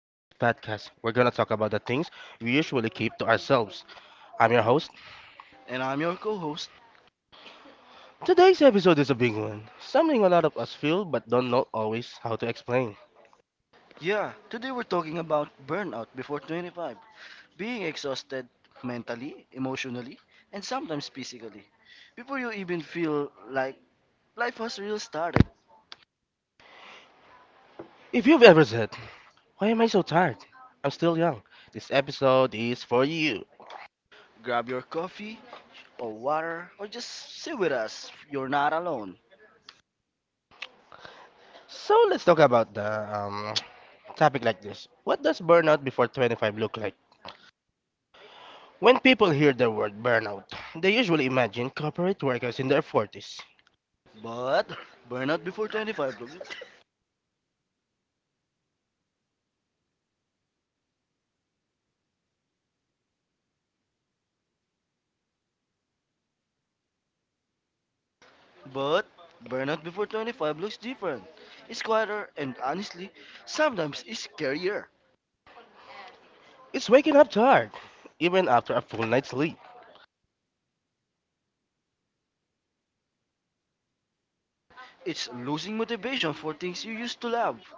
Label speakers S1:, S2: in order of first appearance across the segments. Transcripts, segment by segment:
S1: In today's podcast, we're gonna talk about the things we usually keep to ourselves. I'm your host.
S2: And I'm your co host.
S1: Today's episode is a big one, something a lot of us feel but don't know always how to explain.
S2: Yeah, today we're talking about burnout before 25, being exhausted mentally, emotionally, and sometimes physically. Before you even feel like life has really started,
S1: If you've ever said, why am I so tired? I'm still young. This episode is for you.
S2: grab your coffee or water or just sit with us. You're not alone.
S1: So let's talk about the Topic like this. What does burnout before 25 look like? When people hear the word burnout, they usually imagine corporate workers in their 40s.
S2: But burnout before 25 looks but burnout before 25 looks different. It's quieter and honestly, sometimes it's scarier.
S1: It's waking up tired, even after a full night's sleep.
S2: It's losing motivation for things you used to love.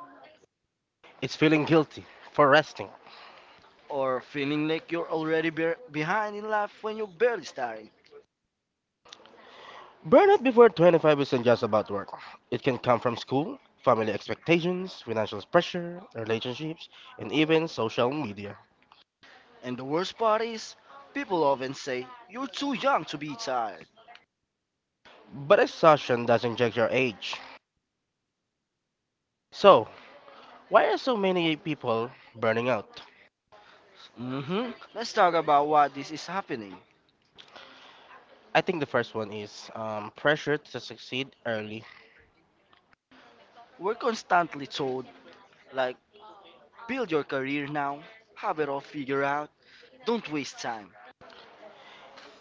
S1: It's feeling guilty for resting.
S2: Or feeling like you're already behind in life when you're barely starting.
S1: Burnout before 25 isn't just about work. It can come from school, family expectations, financial pressure, relationships, and even social media.
S2: And the worst part is, people often say you're too young to be tired.
S1: But exhaustion doesn't judge your age. So, why are so many people burning out?
S2: Let's talk about why this is happening.
S1: I think the first one is pressure to succeed early.
S2: We're constantly told, like, build your career now, have it all figured out, don't waste time.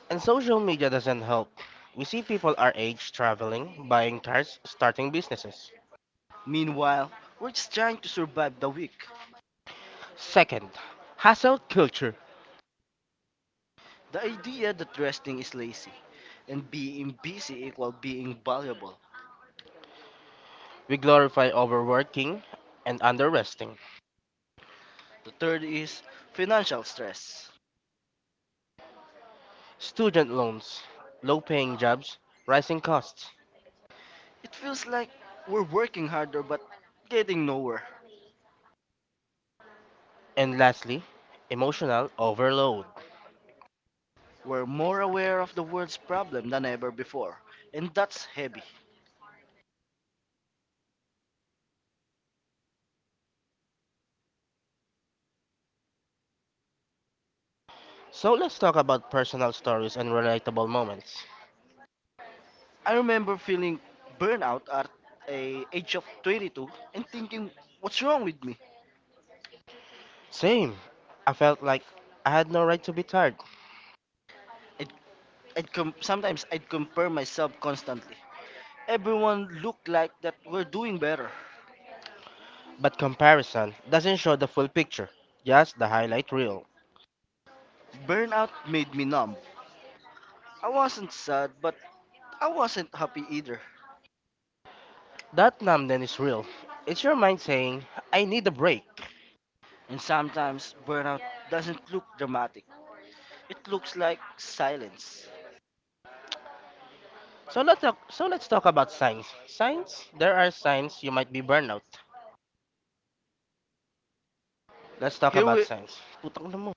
S1: And social media doesn't help. We see people our age traveling, buying cars, starting businesses.
S2: Meanwhile, we're just trying to survive the week.
S1: Second, hassle culture.
S2: The idea that resting is lazy and being busy equal being valuable.
S1: We glorify overworking and underresting.
S2: The third is financial stress.
S1: Student loans, low paying jobs, rising costs.
S2: It feels like we're working harder but getting nowhere.
S1: And lastly, emotional overload.
S2: We're more aware of the world's problem than ever before, and that's heavy.
S1: So let's talk about personal stories and relatable moments.
S2: I remember feeling burnout at a age of 22 and thinking, what's wrong with me?
S1: Same. I felt like I had no right to be tired.
S2: I'd, Sometimes I'd compare myself constantly. Everyone looked like that we're doing better.
S1: But comparison doesn't show the full picture, just the highlight reel.
S2: Burnout made me numb. I wasn't sad, but I wasn't happy either.
S1: That numbness is real. It's your mind saying, I need a break.
S2: And sometimes burnout doesn't look dramatic. It looks like silence.
S1: So let's talk about signs. Signs? There are signs you might be burnout. Let's talk
S2: Here
S1: about
S2: we,
S1: signs. Putang na mo.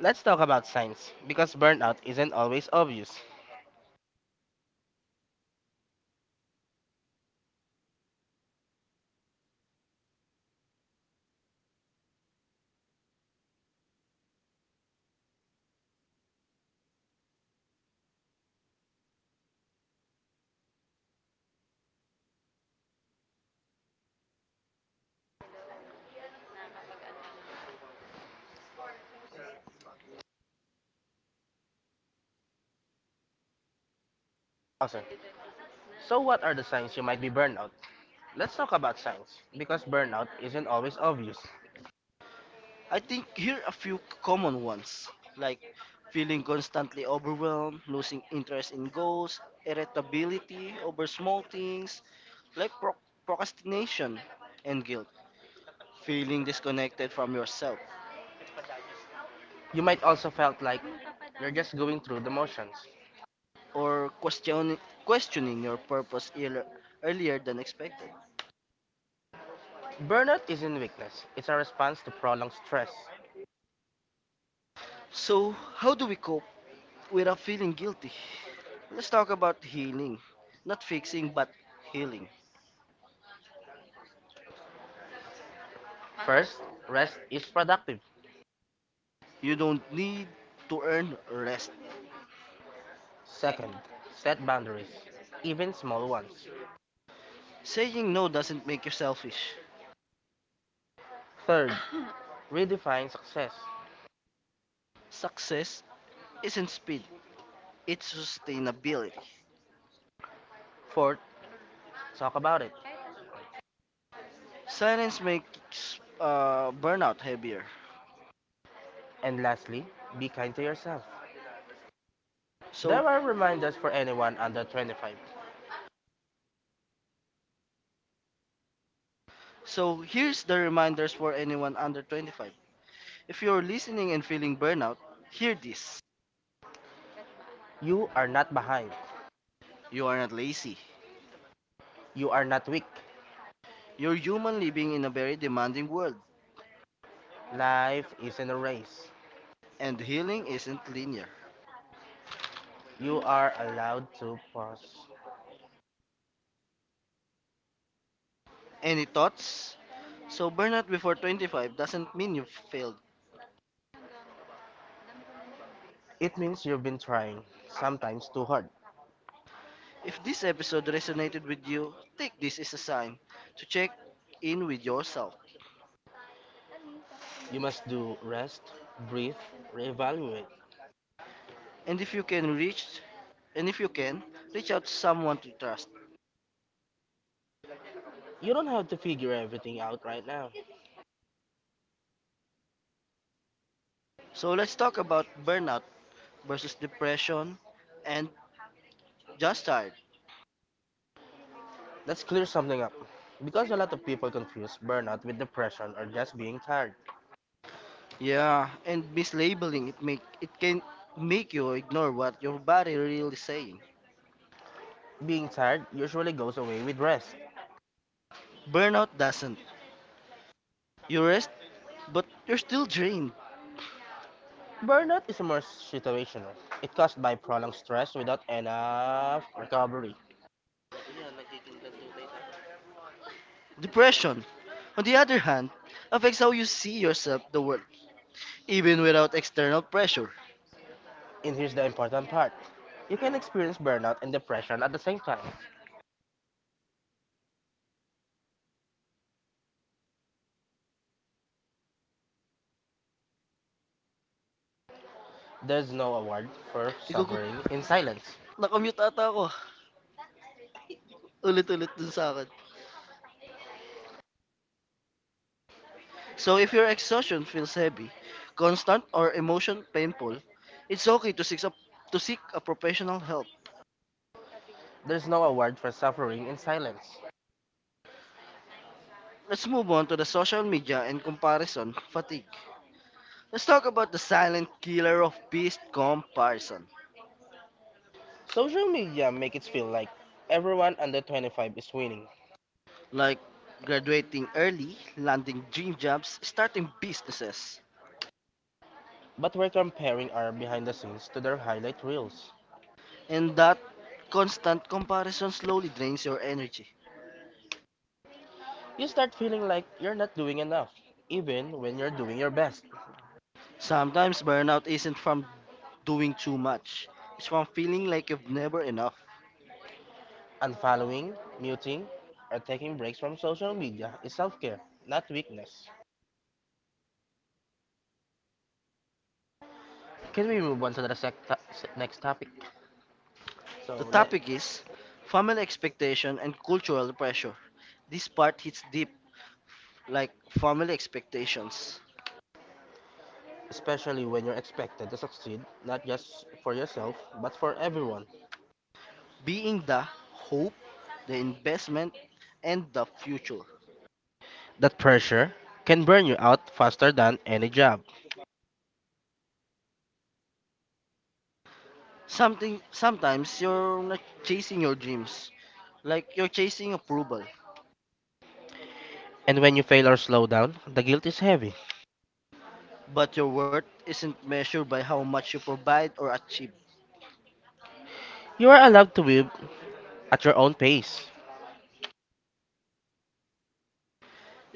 S1: Let's talk about signs because burnout isn't always obvious. Awesome. So what are the signs you might be burnout? Let's talk about signs because burnout isn't always obvious.
S2: I think here a few common ones like feeling constantly overwhelmed, losing interest in goals, irritability over small things, like procrastination and guilt, feeling disconnected from yourself,
S1: You might also felt like you're just going through the motions.
S2: or questioning your purpose earlier than expected.
S1: Burnout isn't weakness, it's a response to prolonged stress.
S2: So, how do we cope without feeling guilty? Let's talk about healing, not fixing but healing.
S1: First, rest is productive.
S2: You don't need to earn rest.
S1: Second, set boundaries, even small ones.
S2: Saying no doesn't make you selfish.
S1: Third, redefine success.
S2: Success isn't speed, it's sustainability.
S1: Fourth, talk about it.
S2: Silence makes burnout heavier.
S1: And lastly, be kind to yourself.
S2: So,
S1: There are reminders for anyone under 25.
S2: so, here's the reminders for anyone under 25. If you're listening and feeling burnout, hear this.
S1: You are not behind.
S2: You are not lazy.
S1: You are not weak.
S2: You're human living in a very demanding world,
S1: Life isn't a race.
S2: and healing isn't linear.
S1: You are allowed to pause.
S2: Any thoughts? So burnout before 25 doesn't mean you've failed.
S1: It means you've been trying, sometimes too hard.
S2: If this episode resonated with you, take this as a sign to check in with yourself.
S1: You must do rest, breathe, reevaluate.
S2: And if you can reach and if you can, reach out to someone to trust.
S1: You don't have to figure everything out right now.
S2: So let's talk about burnout versus depression and just tired.
S1: Let's clear something up, because a lot of people confuse burnout with depression or just being tired.
S2: Yeah, and mislabeling it make it can make you ignore what your body really saying.
S1: Being tired usually goes away with rest.
S2: Burnout doesn't. You rest, but you're still drained.
S1: Burnout is more situational. It's caused by prolonged stress without enough recovery.
S2: Depression, on the other hand, affects how you see yourself, the world, even without external pressure.
S1: And here's the important part. You can experience burnout and depression at the same time. There's no award for
S2: Ikaw ko,
S1: suffering in silence.
S2: nakamute ata ako. Ulit-ulit dun sa akin. So if your exhaustion feels heavy, constant or emotion painful, it's okay to seek a professional help.
S1: There's no award for suffering in silence.
S2: Let's move on to the social media and comparison fatigue. Let's talk about the silent killer of peace comparison.
S1: Social media make it feel like everyone under 25 is winning,
S2: Like graduating early, landing dream jobs, starting businesses.
S1: but we're comparing our behind the scenes to their highlight reels.
S2: And that constant comparison slowly drains your energy.
S1: You start feeling like you're not doing enough, even when you're doing your best.
S2: Sometimes burnout isn't from doing too much, it's from feeling like you've never enough.
S1: Unfollowing, muting, or taking breaks from social media is self care, not weakness. Can we move on to the sec- to- se- next topic?
S2: The
S1: So, next,
S2: topic is family expectation and cultural pressure. This part hits deep, like family expectations
S1: especially when you're expected to succeed, not just for yourself, but for everyone.
S2: being the hope, the investment, and the future.
S1: That pressure can burn you out faster than any job.
S2: Something sometimes you're not chasing your dreams, like you're chasing approval,
S1: And when you fail or slow down, the guilt is heavy.
S2: but your worth isn't measured by how much you provide or achieve.
S1: You are allowed to live at your own pace.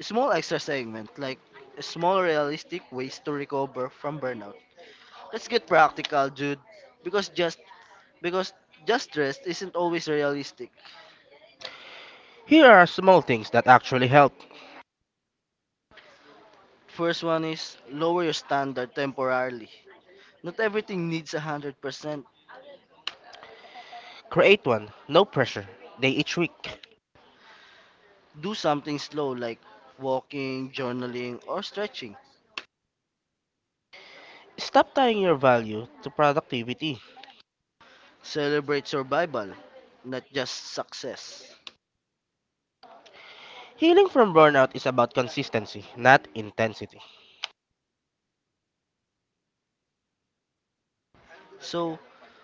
S2: Small extra segment, like small realistic ways to recover from burnout. Let's get practical, dude, because just because just rest isn't always realistic.
S1: Here are small things that actually help.
S2: First one is lower your standard temporarily. Not everything needs 100%.
S1: Create one, no pressure, day each week.
S2: Do something slow like walking, journaling, or stretching.
S1: Stop tying your value to productivity.
S2: Celebrate survival, not just success.
S1: Healing from burnout is about consistency, not intensity.
S2: So,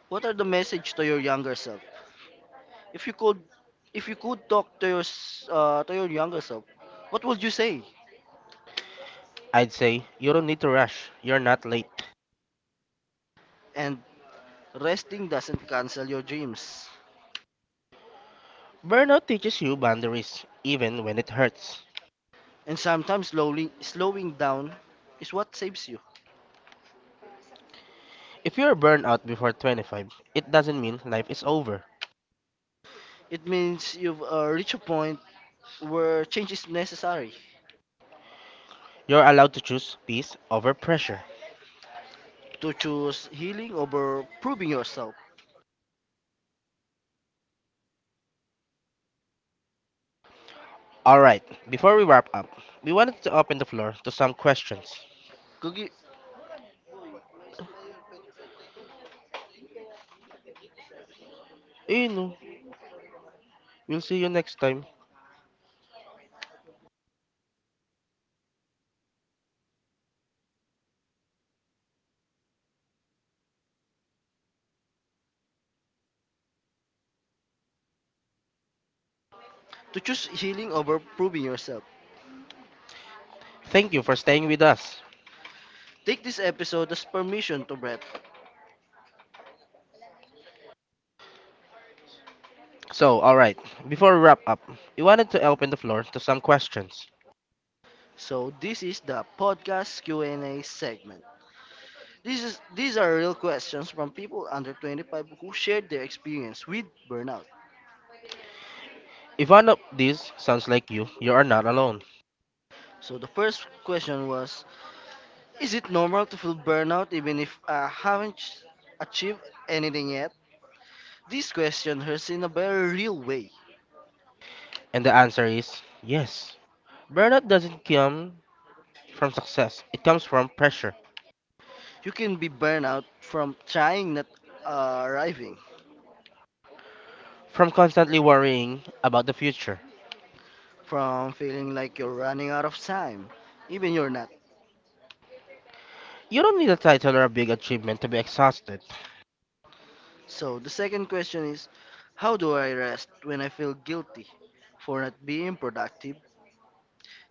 S2: what are the message to your younger self? If you could, if you could talk to to your younger self, what would you say?
S1: I'd say you don't need to rush, you're not late.
S2: And resting doesn't cancel your dreams.
S1: Burnout teaches you boundaries, even when it hurts.
S2: And sometimes slowly slowing down is what saves you.
S1: If you're burned out before 25, it doesn't mean life is over.
S2: It means you've reached a point where change is necessary
S1: You're allowed to choose peace over pressure.
S2: to choose healing over proving yourself.
S1: Alright, before we wrap up, we wanted to open the floor to some questions.
S2: Kugi-
S1: You know, we'll see you next time.
S2: To choose healing over proving yourself.
S1: Thank you for staying with us.
S2: Take this episode as permission to breath.
S1: So, alright, before we wrap up, we wanted to open the floor to some questions.
S2: So this is the podcast Q&A segment. This is, these are real questions from people under 25 who shared their experience with burnout.
S1: If one of these sounds like you are not alone.
S2: So the first question was, is it normal to feel burnout even if I haven't achieved anything yet? This question hurts in a very real way.
S1: And the answer is yes. Burnout doesn't come from success, it comes from pressure,
S2: You can be burnout from trying not arriving,
S1: from constantly worrying about the future.
S2: from feeling like you're running out of time, even you're not.
S1: You don't need a title or a big achievement to be exhausted.
S2: So the second question is, how do I rest when I feel guilty for not being productive?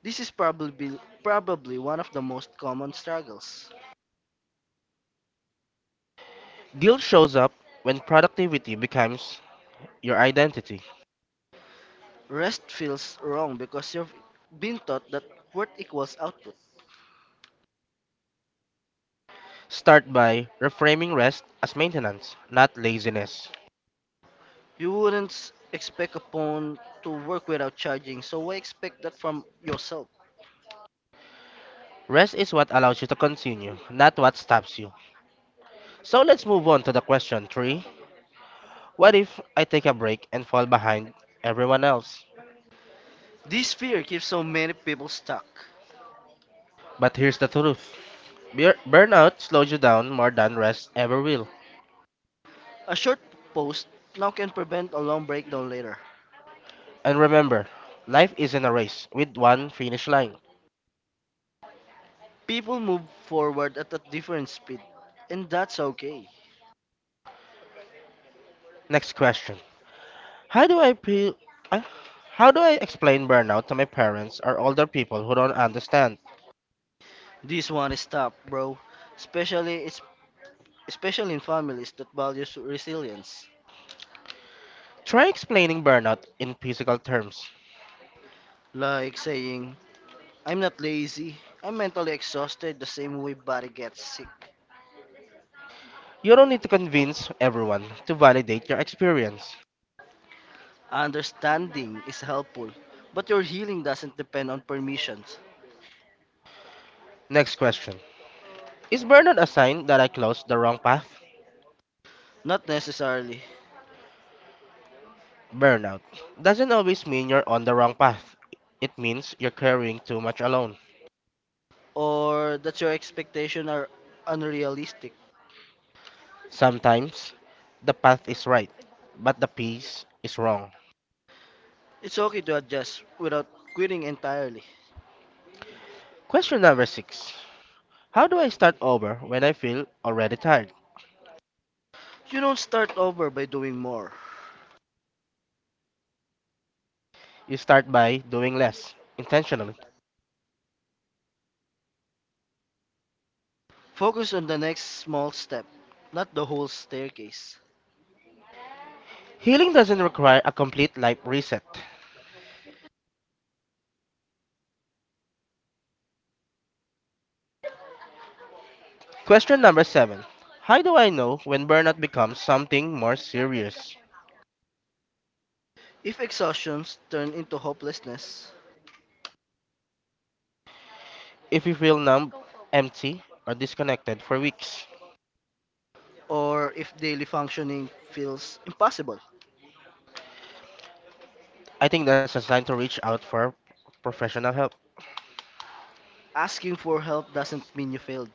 S2: This is probably one of the most common struggles.
S1: Guilt shows up when productivity becomes your identity.
S2: Rest feels wrong because you've been taught that work equals output.
S1: Start by reframing rest as maintenance, not laziness.
S2: You wouldn't expect a phone to work without charging, so why expect that from yourself?
S1: Rest is what allows you to continue, not what stops you. So let's move on to the question three. What if I take a break and fall behind everyone else?
S2: This fear keeps so many people stuck.
S1: But here's the truth. Burnout slows you down more than rest ever will.
S2: A short post now can prevent a long breakdown later.
S1: And remember, life isn't a race with one finish line.
S2: People move forward at a different speed, and that's okay.
S1: Next question. How do I feel I- how do I explain burnout to my parents or older people who don't understand?
S2: This one is tough, bro. Especially it's Especially in families that values resilience.
S1: Try explaining burnout in physical terms.
S2: Like saying, I'm not lazy, I'm mentally exhausted the same way body gets sick.
S1: You don't need to convince everyone to validate your experience.
S2: Understanding is helpful, but your healing doesn't depend on permissions.
S1: Next question. Is burnout a sign that I closed the wrong path?
S2: Not necessarily.
S1: Burnout doesn't always mean you're on the wrong path. It means you're carrying too much alone.
S2: Or that your expectations are unrealistic.
S1: Sometimes the path is right, but the pace is wrong.
S2: It's okay to adjust without quitting entirely.
S1: Question number six. How do I start over when I feel already tired?
S2: You don't start over by doing more.
S1: You start by doing less, intentionally.
S2: Focus on the next small step, not the whole staircase.
S1: Healing doesn't require a complete life reset. Question number seven. How do I know when burnout becomes something more serious?
S2: If exhaustions turn into hopelessness,
S1: If you feel numb, empty, or disconnected for weeks,
S2: or if daily functioning feels impossible.
S1: I think that's a sign to reach out for professional help.
S2: Asking for help doesn't mean you failed.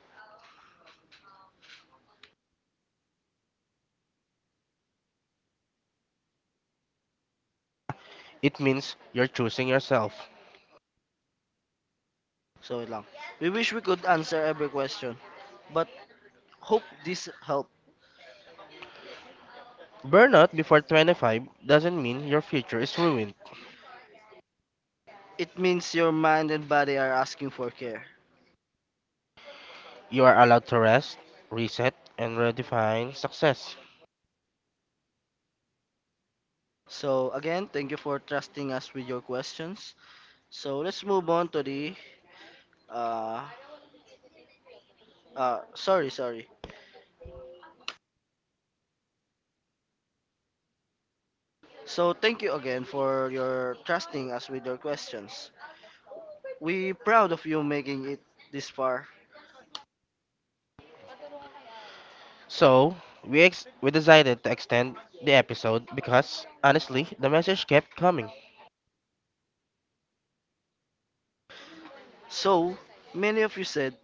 S1: It means you're choosing yourself.
S2: So yun lang. We wish we could answer every question, but hope this helped.
S1: Burnout before 25 doesn't mean your future is ruined.
S2: It means your mind and body are asking for care.
S1: You are allowed to rest, reset, and redefine success.
S2: So again, thank you for trusting us with your questions. So let's move on to the uh sorry, sorry. So thank you again for your trusting us with your questions. We proud of you making it this far.
S1: So we decided to extend the episode because, honestly, the message kept coming.
S2: So, many of you said,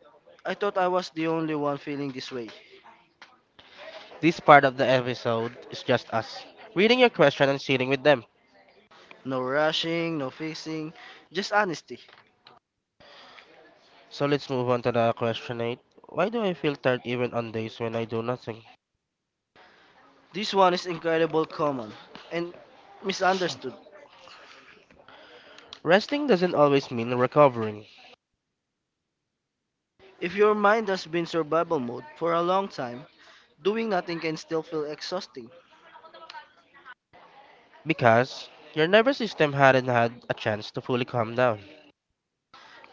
S2: I thought I was the only one feeling this way.
S1: This part of the episode is just us reading your question and sitting with them.
S2: No rushing, no fixing, just honesty.
S1: So let's move on to the question 8. Why do I feel tired even on days when I do nothing?
S2: This one is incredible common and misunderstood.
S1: Resting doesn't always mean recovering
S2: If your mind has been survival mode for a long time, doing nothing can still feel exhausting.
S1: because your nervous system hadn't had a chance to fully calm down.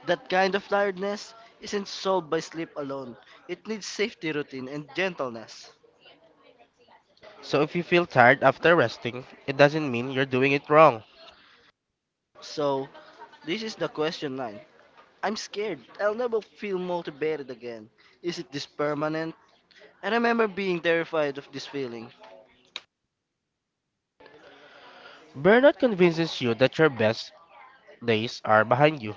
S2: That kind of tiredness isn't solved by sleep alone. It needs safety routine and gentleness.
S1: So if you feel tired after resting, it doesn't mean you're doing it wrong.
S2: So, this is the question 9. I'm scared. I'll never feel motivated again. Is it this permanent? I remember being terrified of this feeling,
S1: Burnout convinces you that your best days are behind you.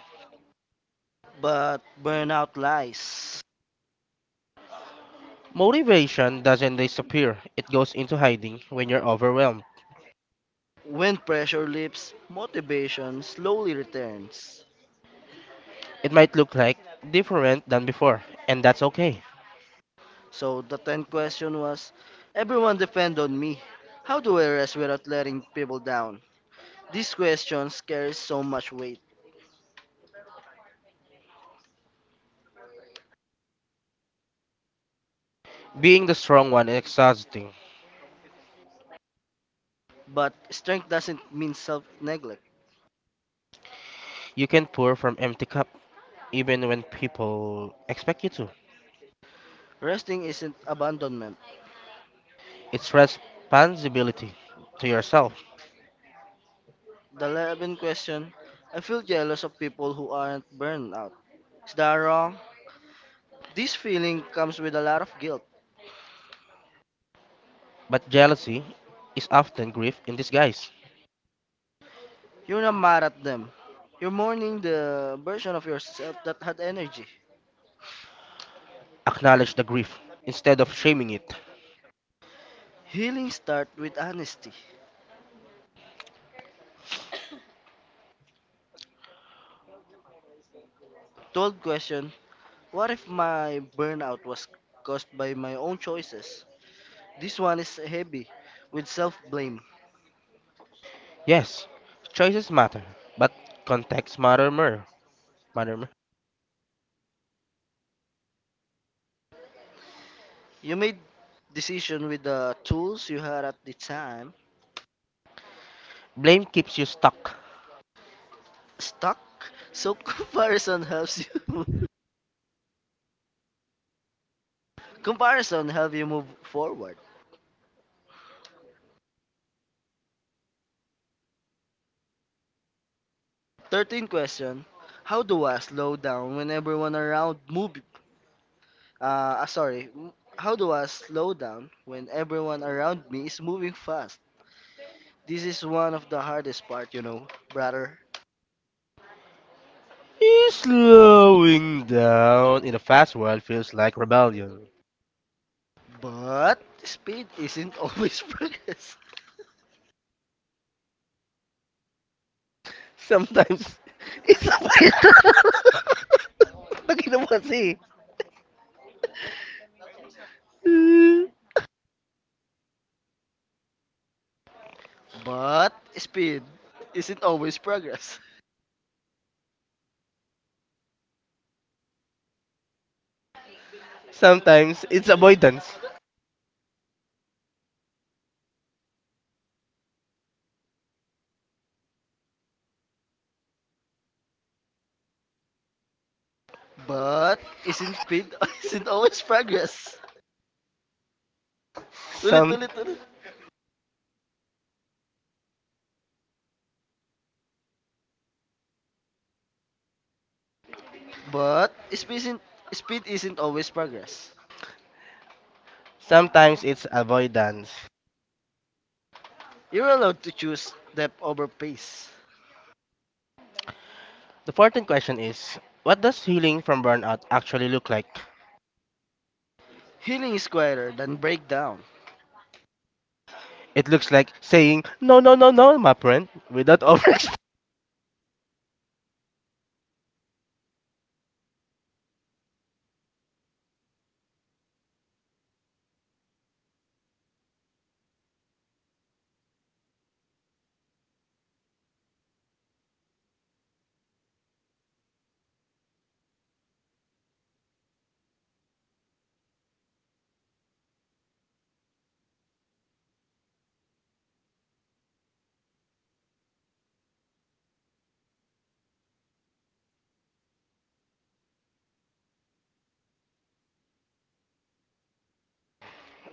S2: but burnout lies.
S1: Motivation doesn't disappear, it goes into hiding when you're overwhelmed.
S2: When pressure lifts, motivation slowly returns.
S1: It might look like different than before, and that's okay.
S2: So the 10th question was, everyone depend on me. How do I rest without letting people down? This question carries so much weight,
S1: Being the strong one is exhausting.
S2: but strength doesn't mean self-neglect.
S1: You can pour from empty cup even when people expect you to.
S2: Resting isn't abandonment.
S1: It's responsibility to yourself.
S2: The 11th question, I feel jealous of people who aren't burned out. Is that wrong? This feeling comes with a lot of guilt.
S1: But jealousy is often grief in disguise.
S2: You're not mad at them. You're mourning the version of yourself that had energy.
S1: Acknowledge the grief instead of shaming it.
S2: Healing starts with honesty. Told question, what if my burnout was caused by my own choices? This one is heavy with self blame.
S1: Yes, choices matter, but context matter more. Matter more.
S2: You made decision with the tools you had at the time.
S1: Blame keeps you stuck.
S2: Stuck, so comparison helps you move. Comparison help you move forward. 13 question, how do I slow down when everyone around move sorry. How do I slow down when everyone around me is moving fast? This is one of the hardest part, you know, brother.
S1: Eh, slowing down in a fast world feels like rebellion.
S2: But speed isn't always progress.
S1: Sometimes it's a Lagi naman kasi.
S2: But speed isn't always progress.
S1: Sometimes it's avoidance.
S2: But isn't speed isn't always progress. Ulit,
S1: Some
S2: ulit, ulit. But speed isn't always progress.
S1: sometimes it's avoidance.
S2: You're allowed to choose depth over pace.
S1: The 14th question is, what does healing from burnout actually look like?
S2: Healing is quieter than breakdown.
S1: It looks like saying no no no no my friend without over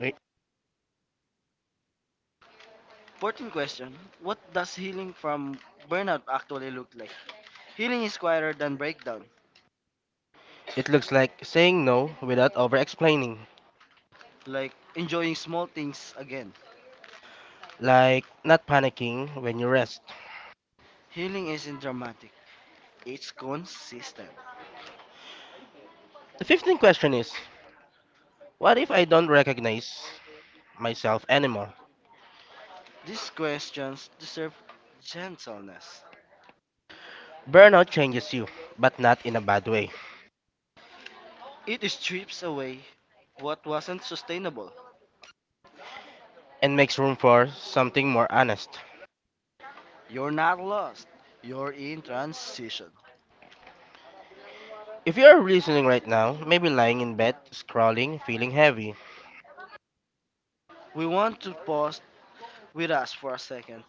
S1: Wait.
S2: Important question, what does healing from burnout actually look like? Healing is quieter than breakdown,
S1: It looks like saying no without over explaining.
S2: like enjoying small things again.
S1: Like not panicking when you rest.
S2: Healing isn't dramatic, it's consistent.
S1: The 15th question is, what if I don't recognize myself anymore?
S2: These questions deserve gentleness.
S1: Burnout changes you, but not in a bad way,
S2: It strips away what wasn't sustainable.
S1: and makes room for something more honest.
S2: You're not lost, you're in transition.
S1: If you are listening right now, maybe lying in bed, scrolling, feeling heavy,
S2: We want to pause with us for a second.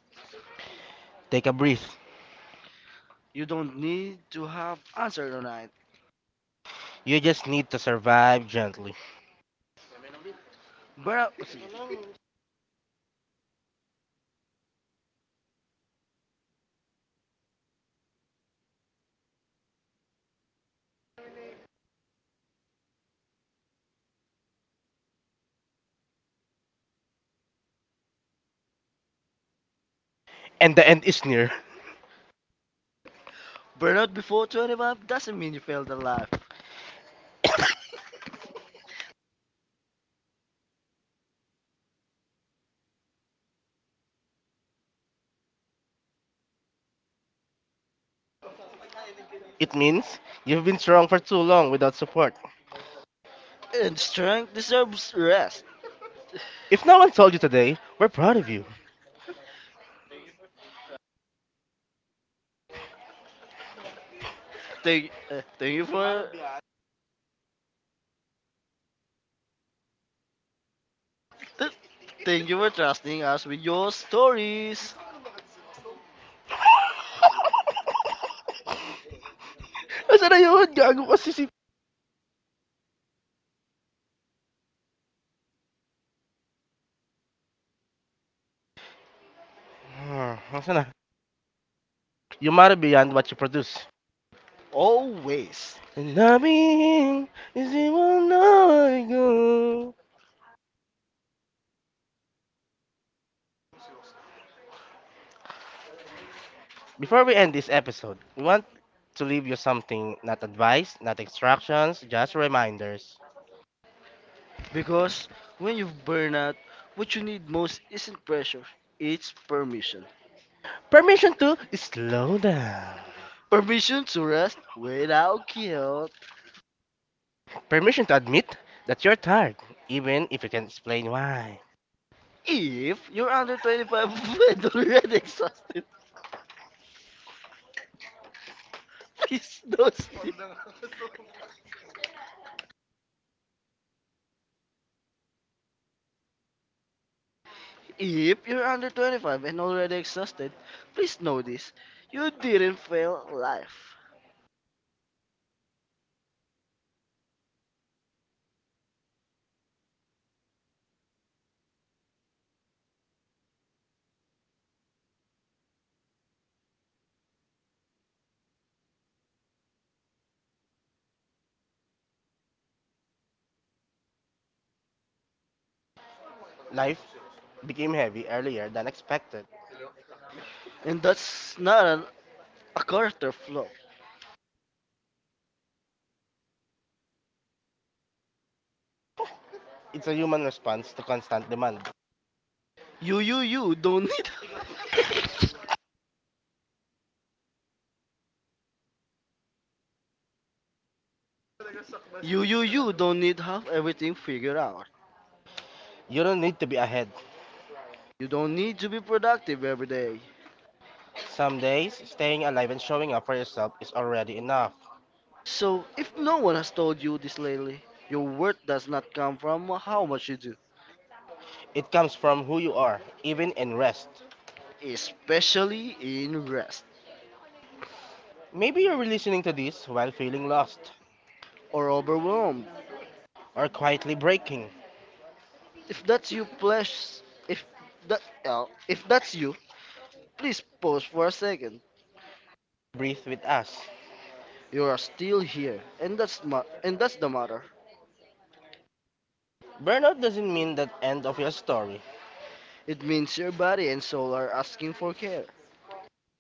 S1: take a breath.
S2: You don't need to have answered tonight.
S1: You just need to survive gently.
S2: Burnout.
S1: And the end is near.
S2: Burnout before 25 doesn't mean you failed at life.
S1: It means you've been strong for too long without support.
S2: And strength deserves rest.
S1: If no one told you today, we're proud of you.
S2: Thank, uh, thank you for th- Thank you for trusting us with your stories
S1: Nasaan na yun? Gago kasi si... Hmm, nasaan na? You matter beyond what you produce.
S2: always.
S1: And I mean, is it one I go? Before we end this episode, we want to leave you something, not advice, not instructions, just reminders.
S2: Because when you burn out, what you need most isn't pressure, it's permission.
S1: Permission to slow down.
S2: Permission to rest without guilt.
S1: Permission to admit that you're tired, even if you can explain why.
S2: If you're under 25 and already exhausted, please don't sleep. If you're under 25 and already exhausted, please know this. You didn't fail life.
S1: Life became heavy earlier than expected.
S2: And that's not a character flaw.
S1: It's a human response to constant demand.
S2: You don't need. You don't need to have everything figured out.
S1: You don't need to be ahead.
S2: You don't need to be productive every day.
S1: Some days, staying alive and showing up for yourself is already enough.
S2: So, if no one has told you this lately, your worth does not come from how much you do,
S1: It comes from who you are, even in rest.
S2: especially in rest
S1: Maybe you're listening to this while feeling lost,
S2: or overwhelmed.
S1: or quietly breaking.
S2: If that's you, please. If if that's you, please pause for a second.
S1: Breathe with us.
S2: You are still here, and that's the matter.
S1: Burnout doesn't mean the end of your story.
S2: It means your body and soul are asking for care.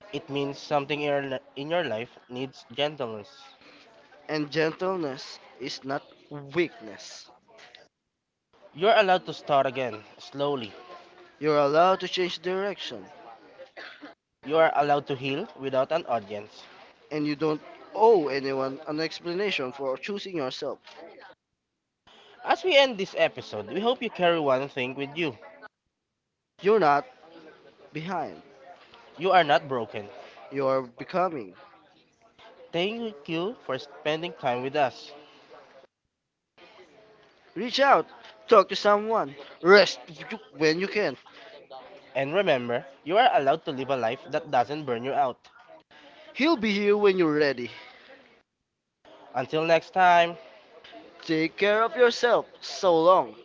S1: It means something in your life needs gentleness.
S2: And gentleness is not weakness.
S1: You're allowed to start again, slowly.
S2: You're allowed to change direction,
S1: You are allowed to heal without an audience.
S2: and you don't owe anyone an explanation for choosing yourself.
S1: As we end this episode, we hope you carry one thing with you.
S2: You're not behind.
S1: You are not broken.
S2: You are becoming.
S1: Thank you for spending time with us.
S2: Reach out, talk to someone, when you can.
S1: And remember, you are allowed to live a life that doesn't burn you out.
S2: He'll be here when you're ready.
S1: Until next time.
S2: Take care of yourself. So long.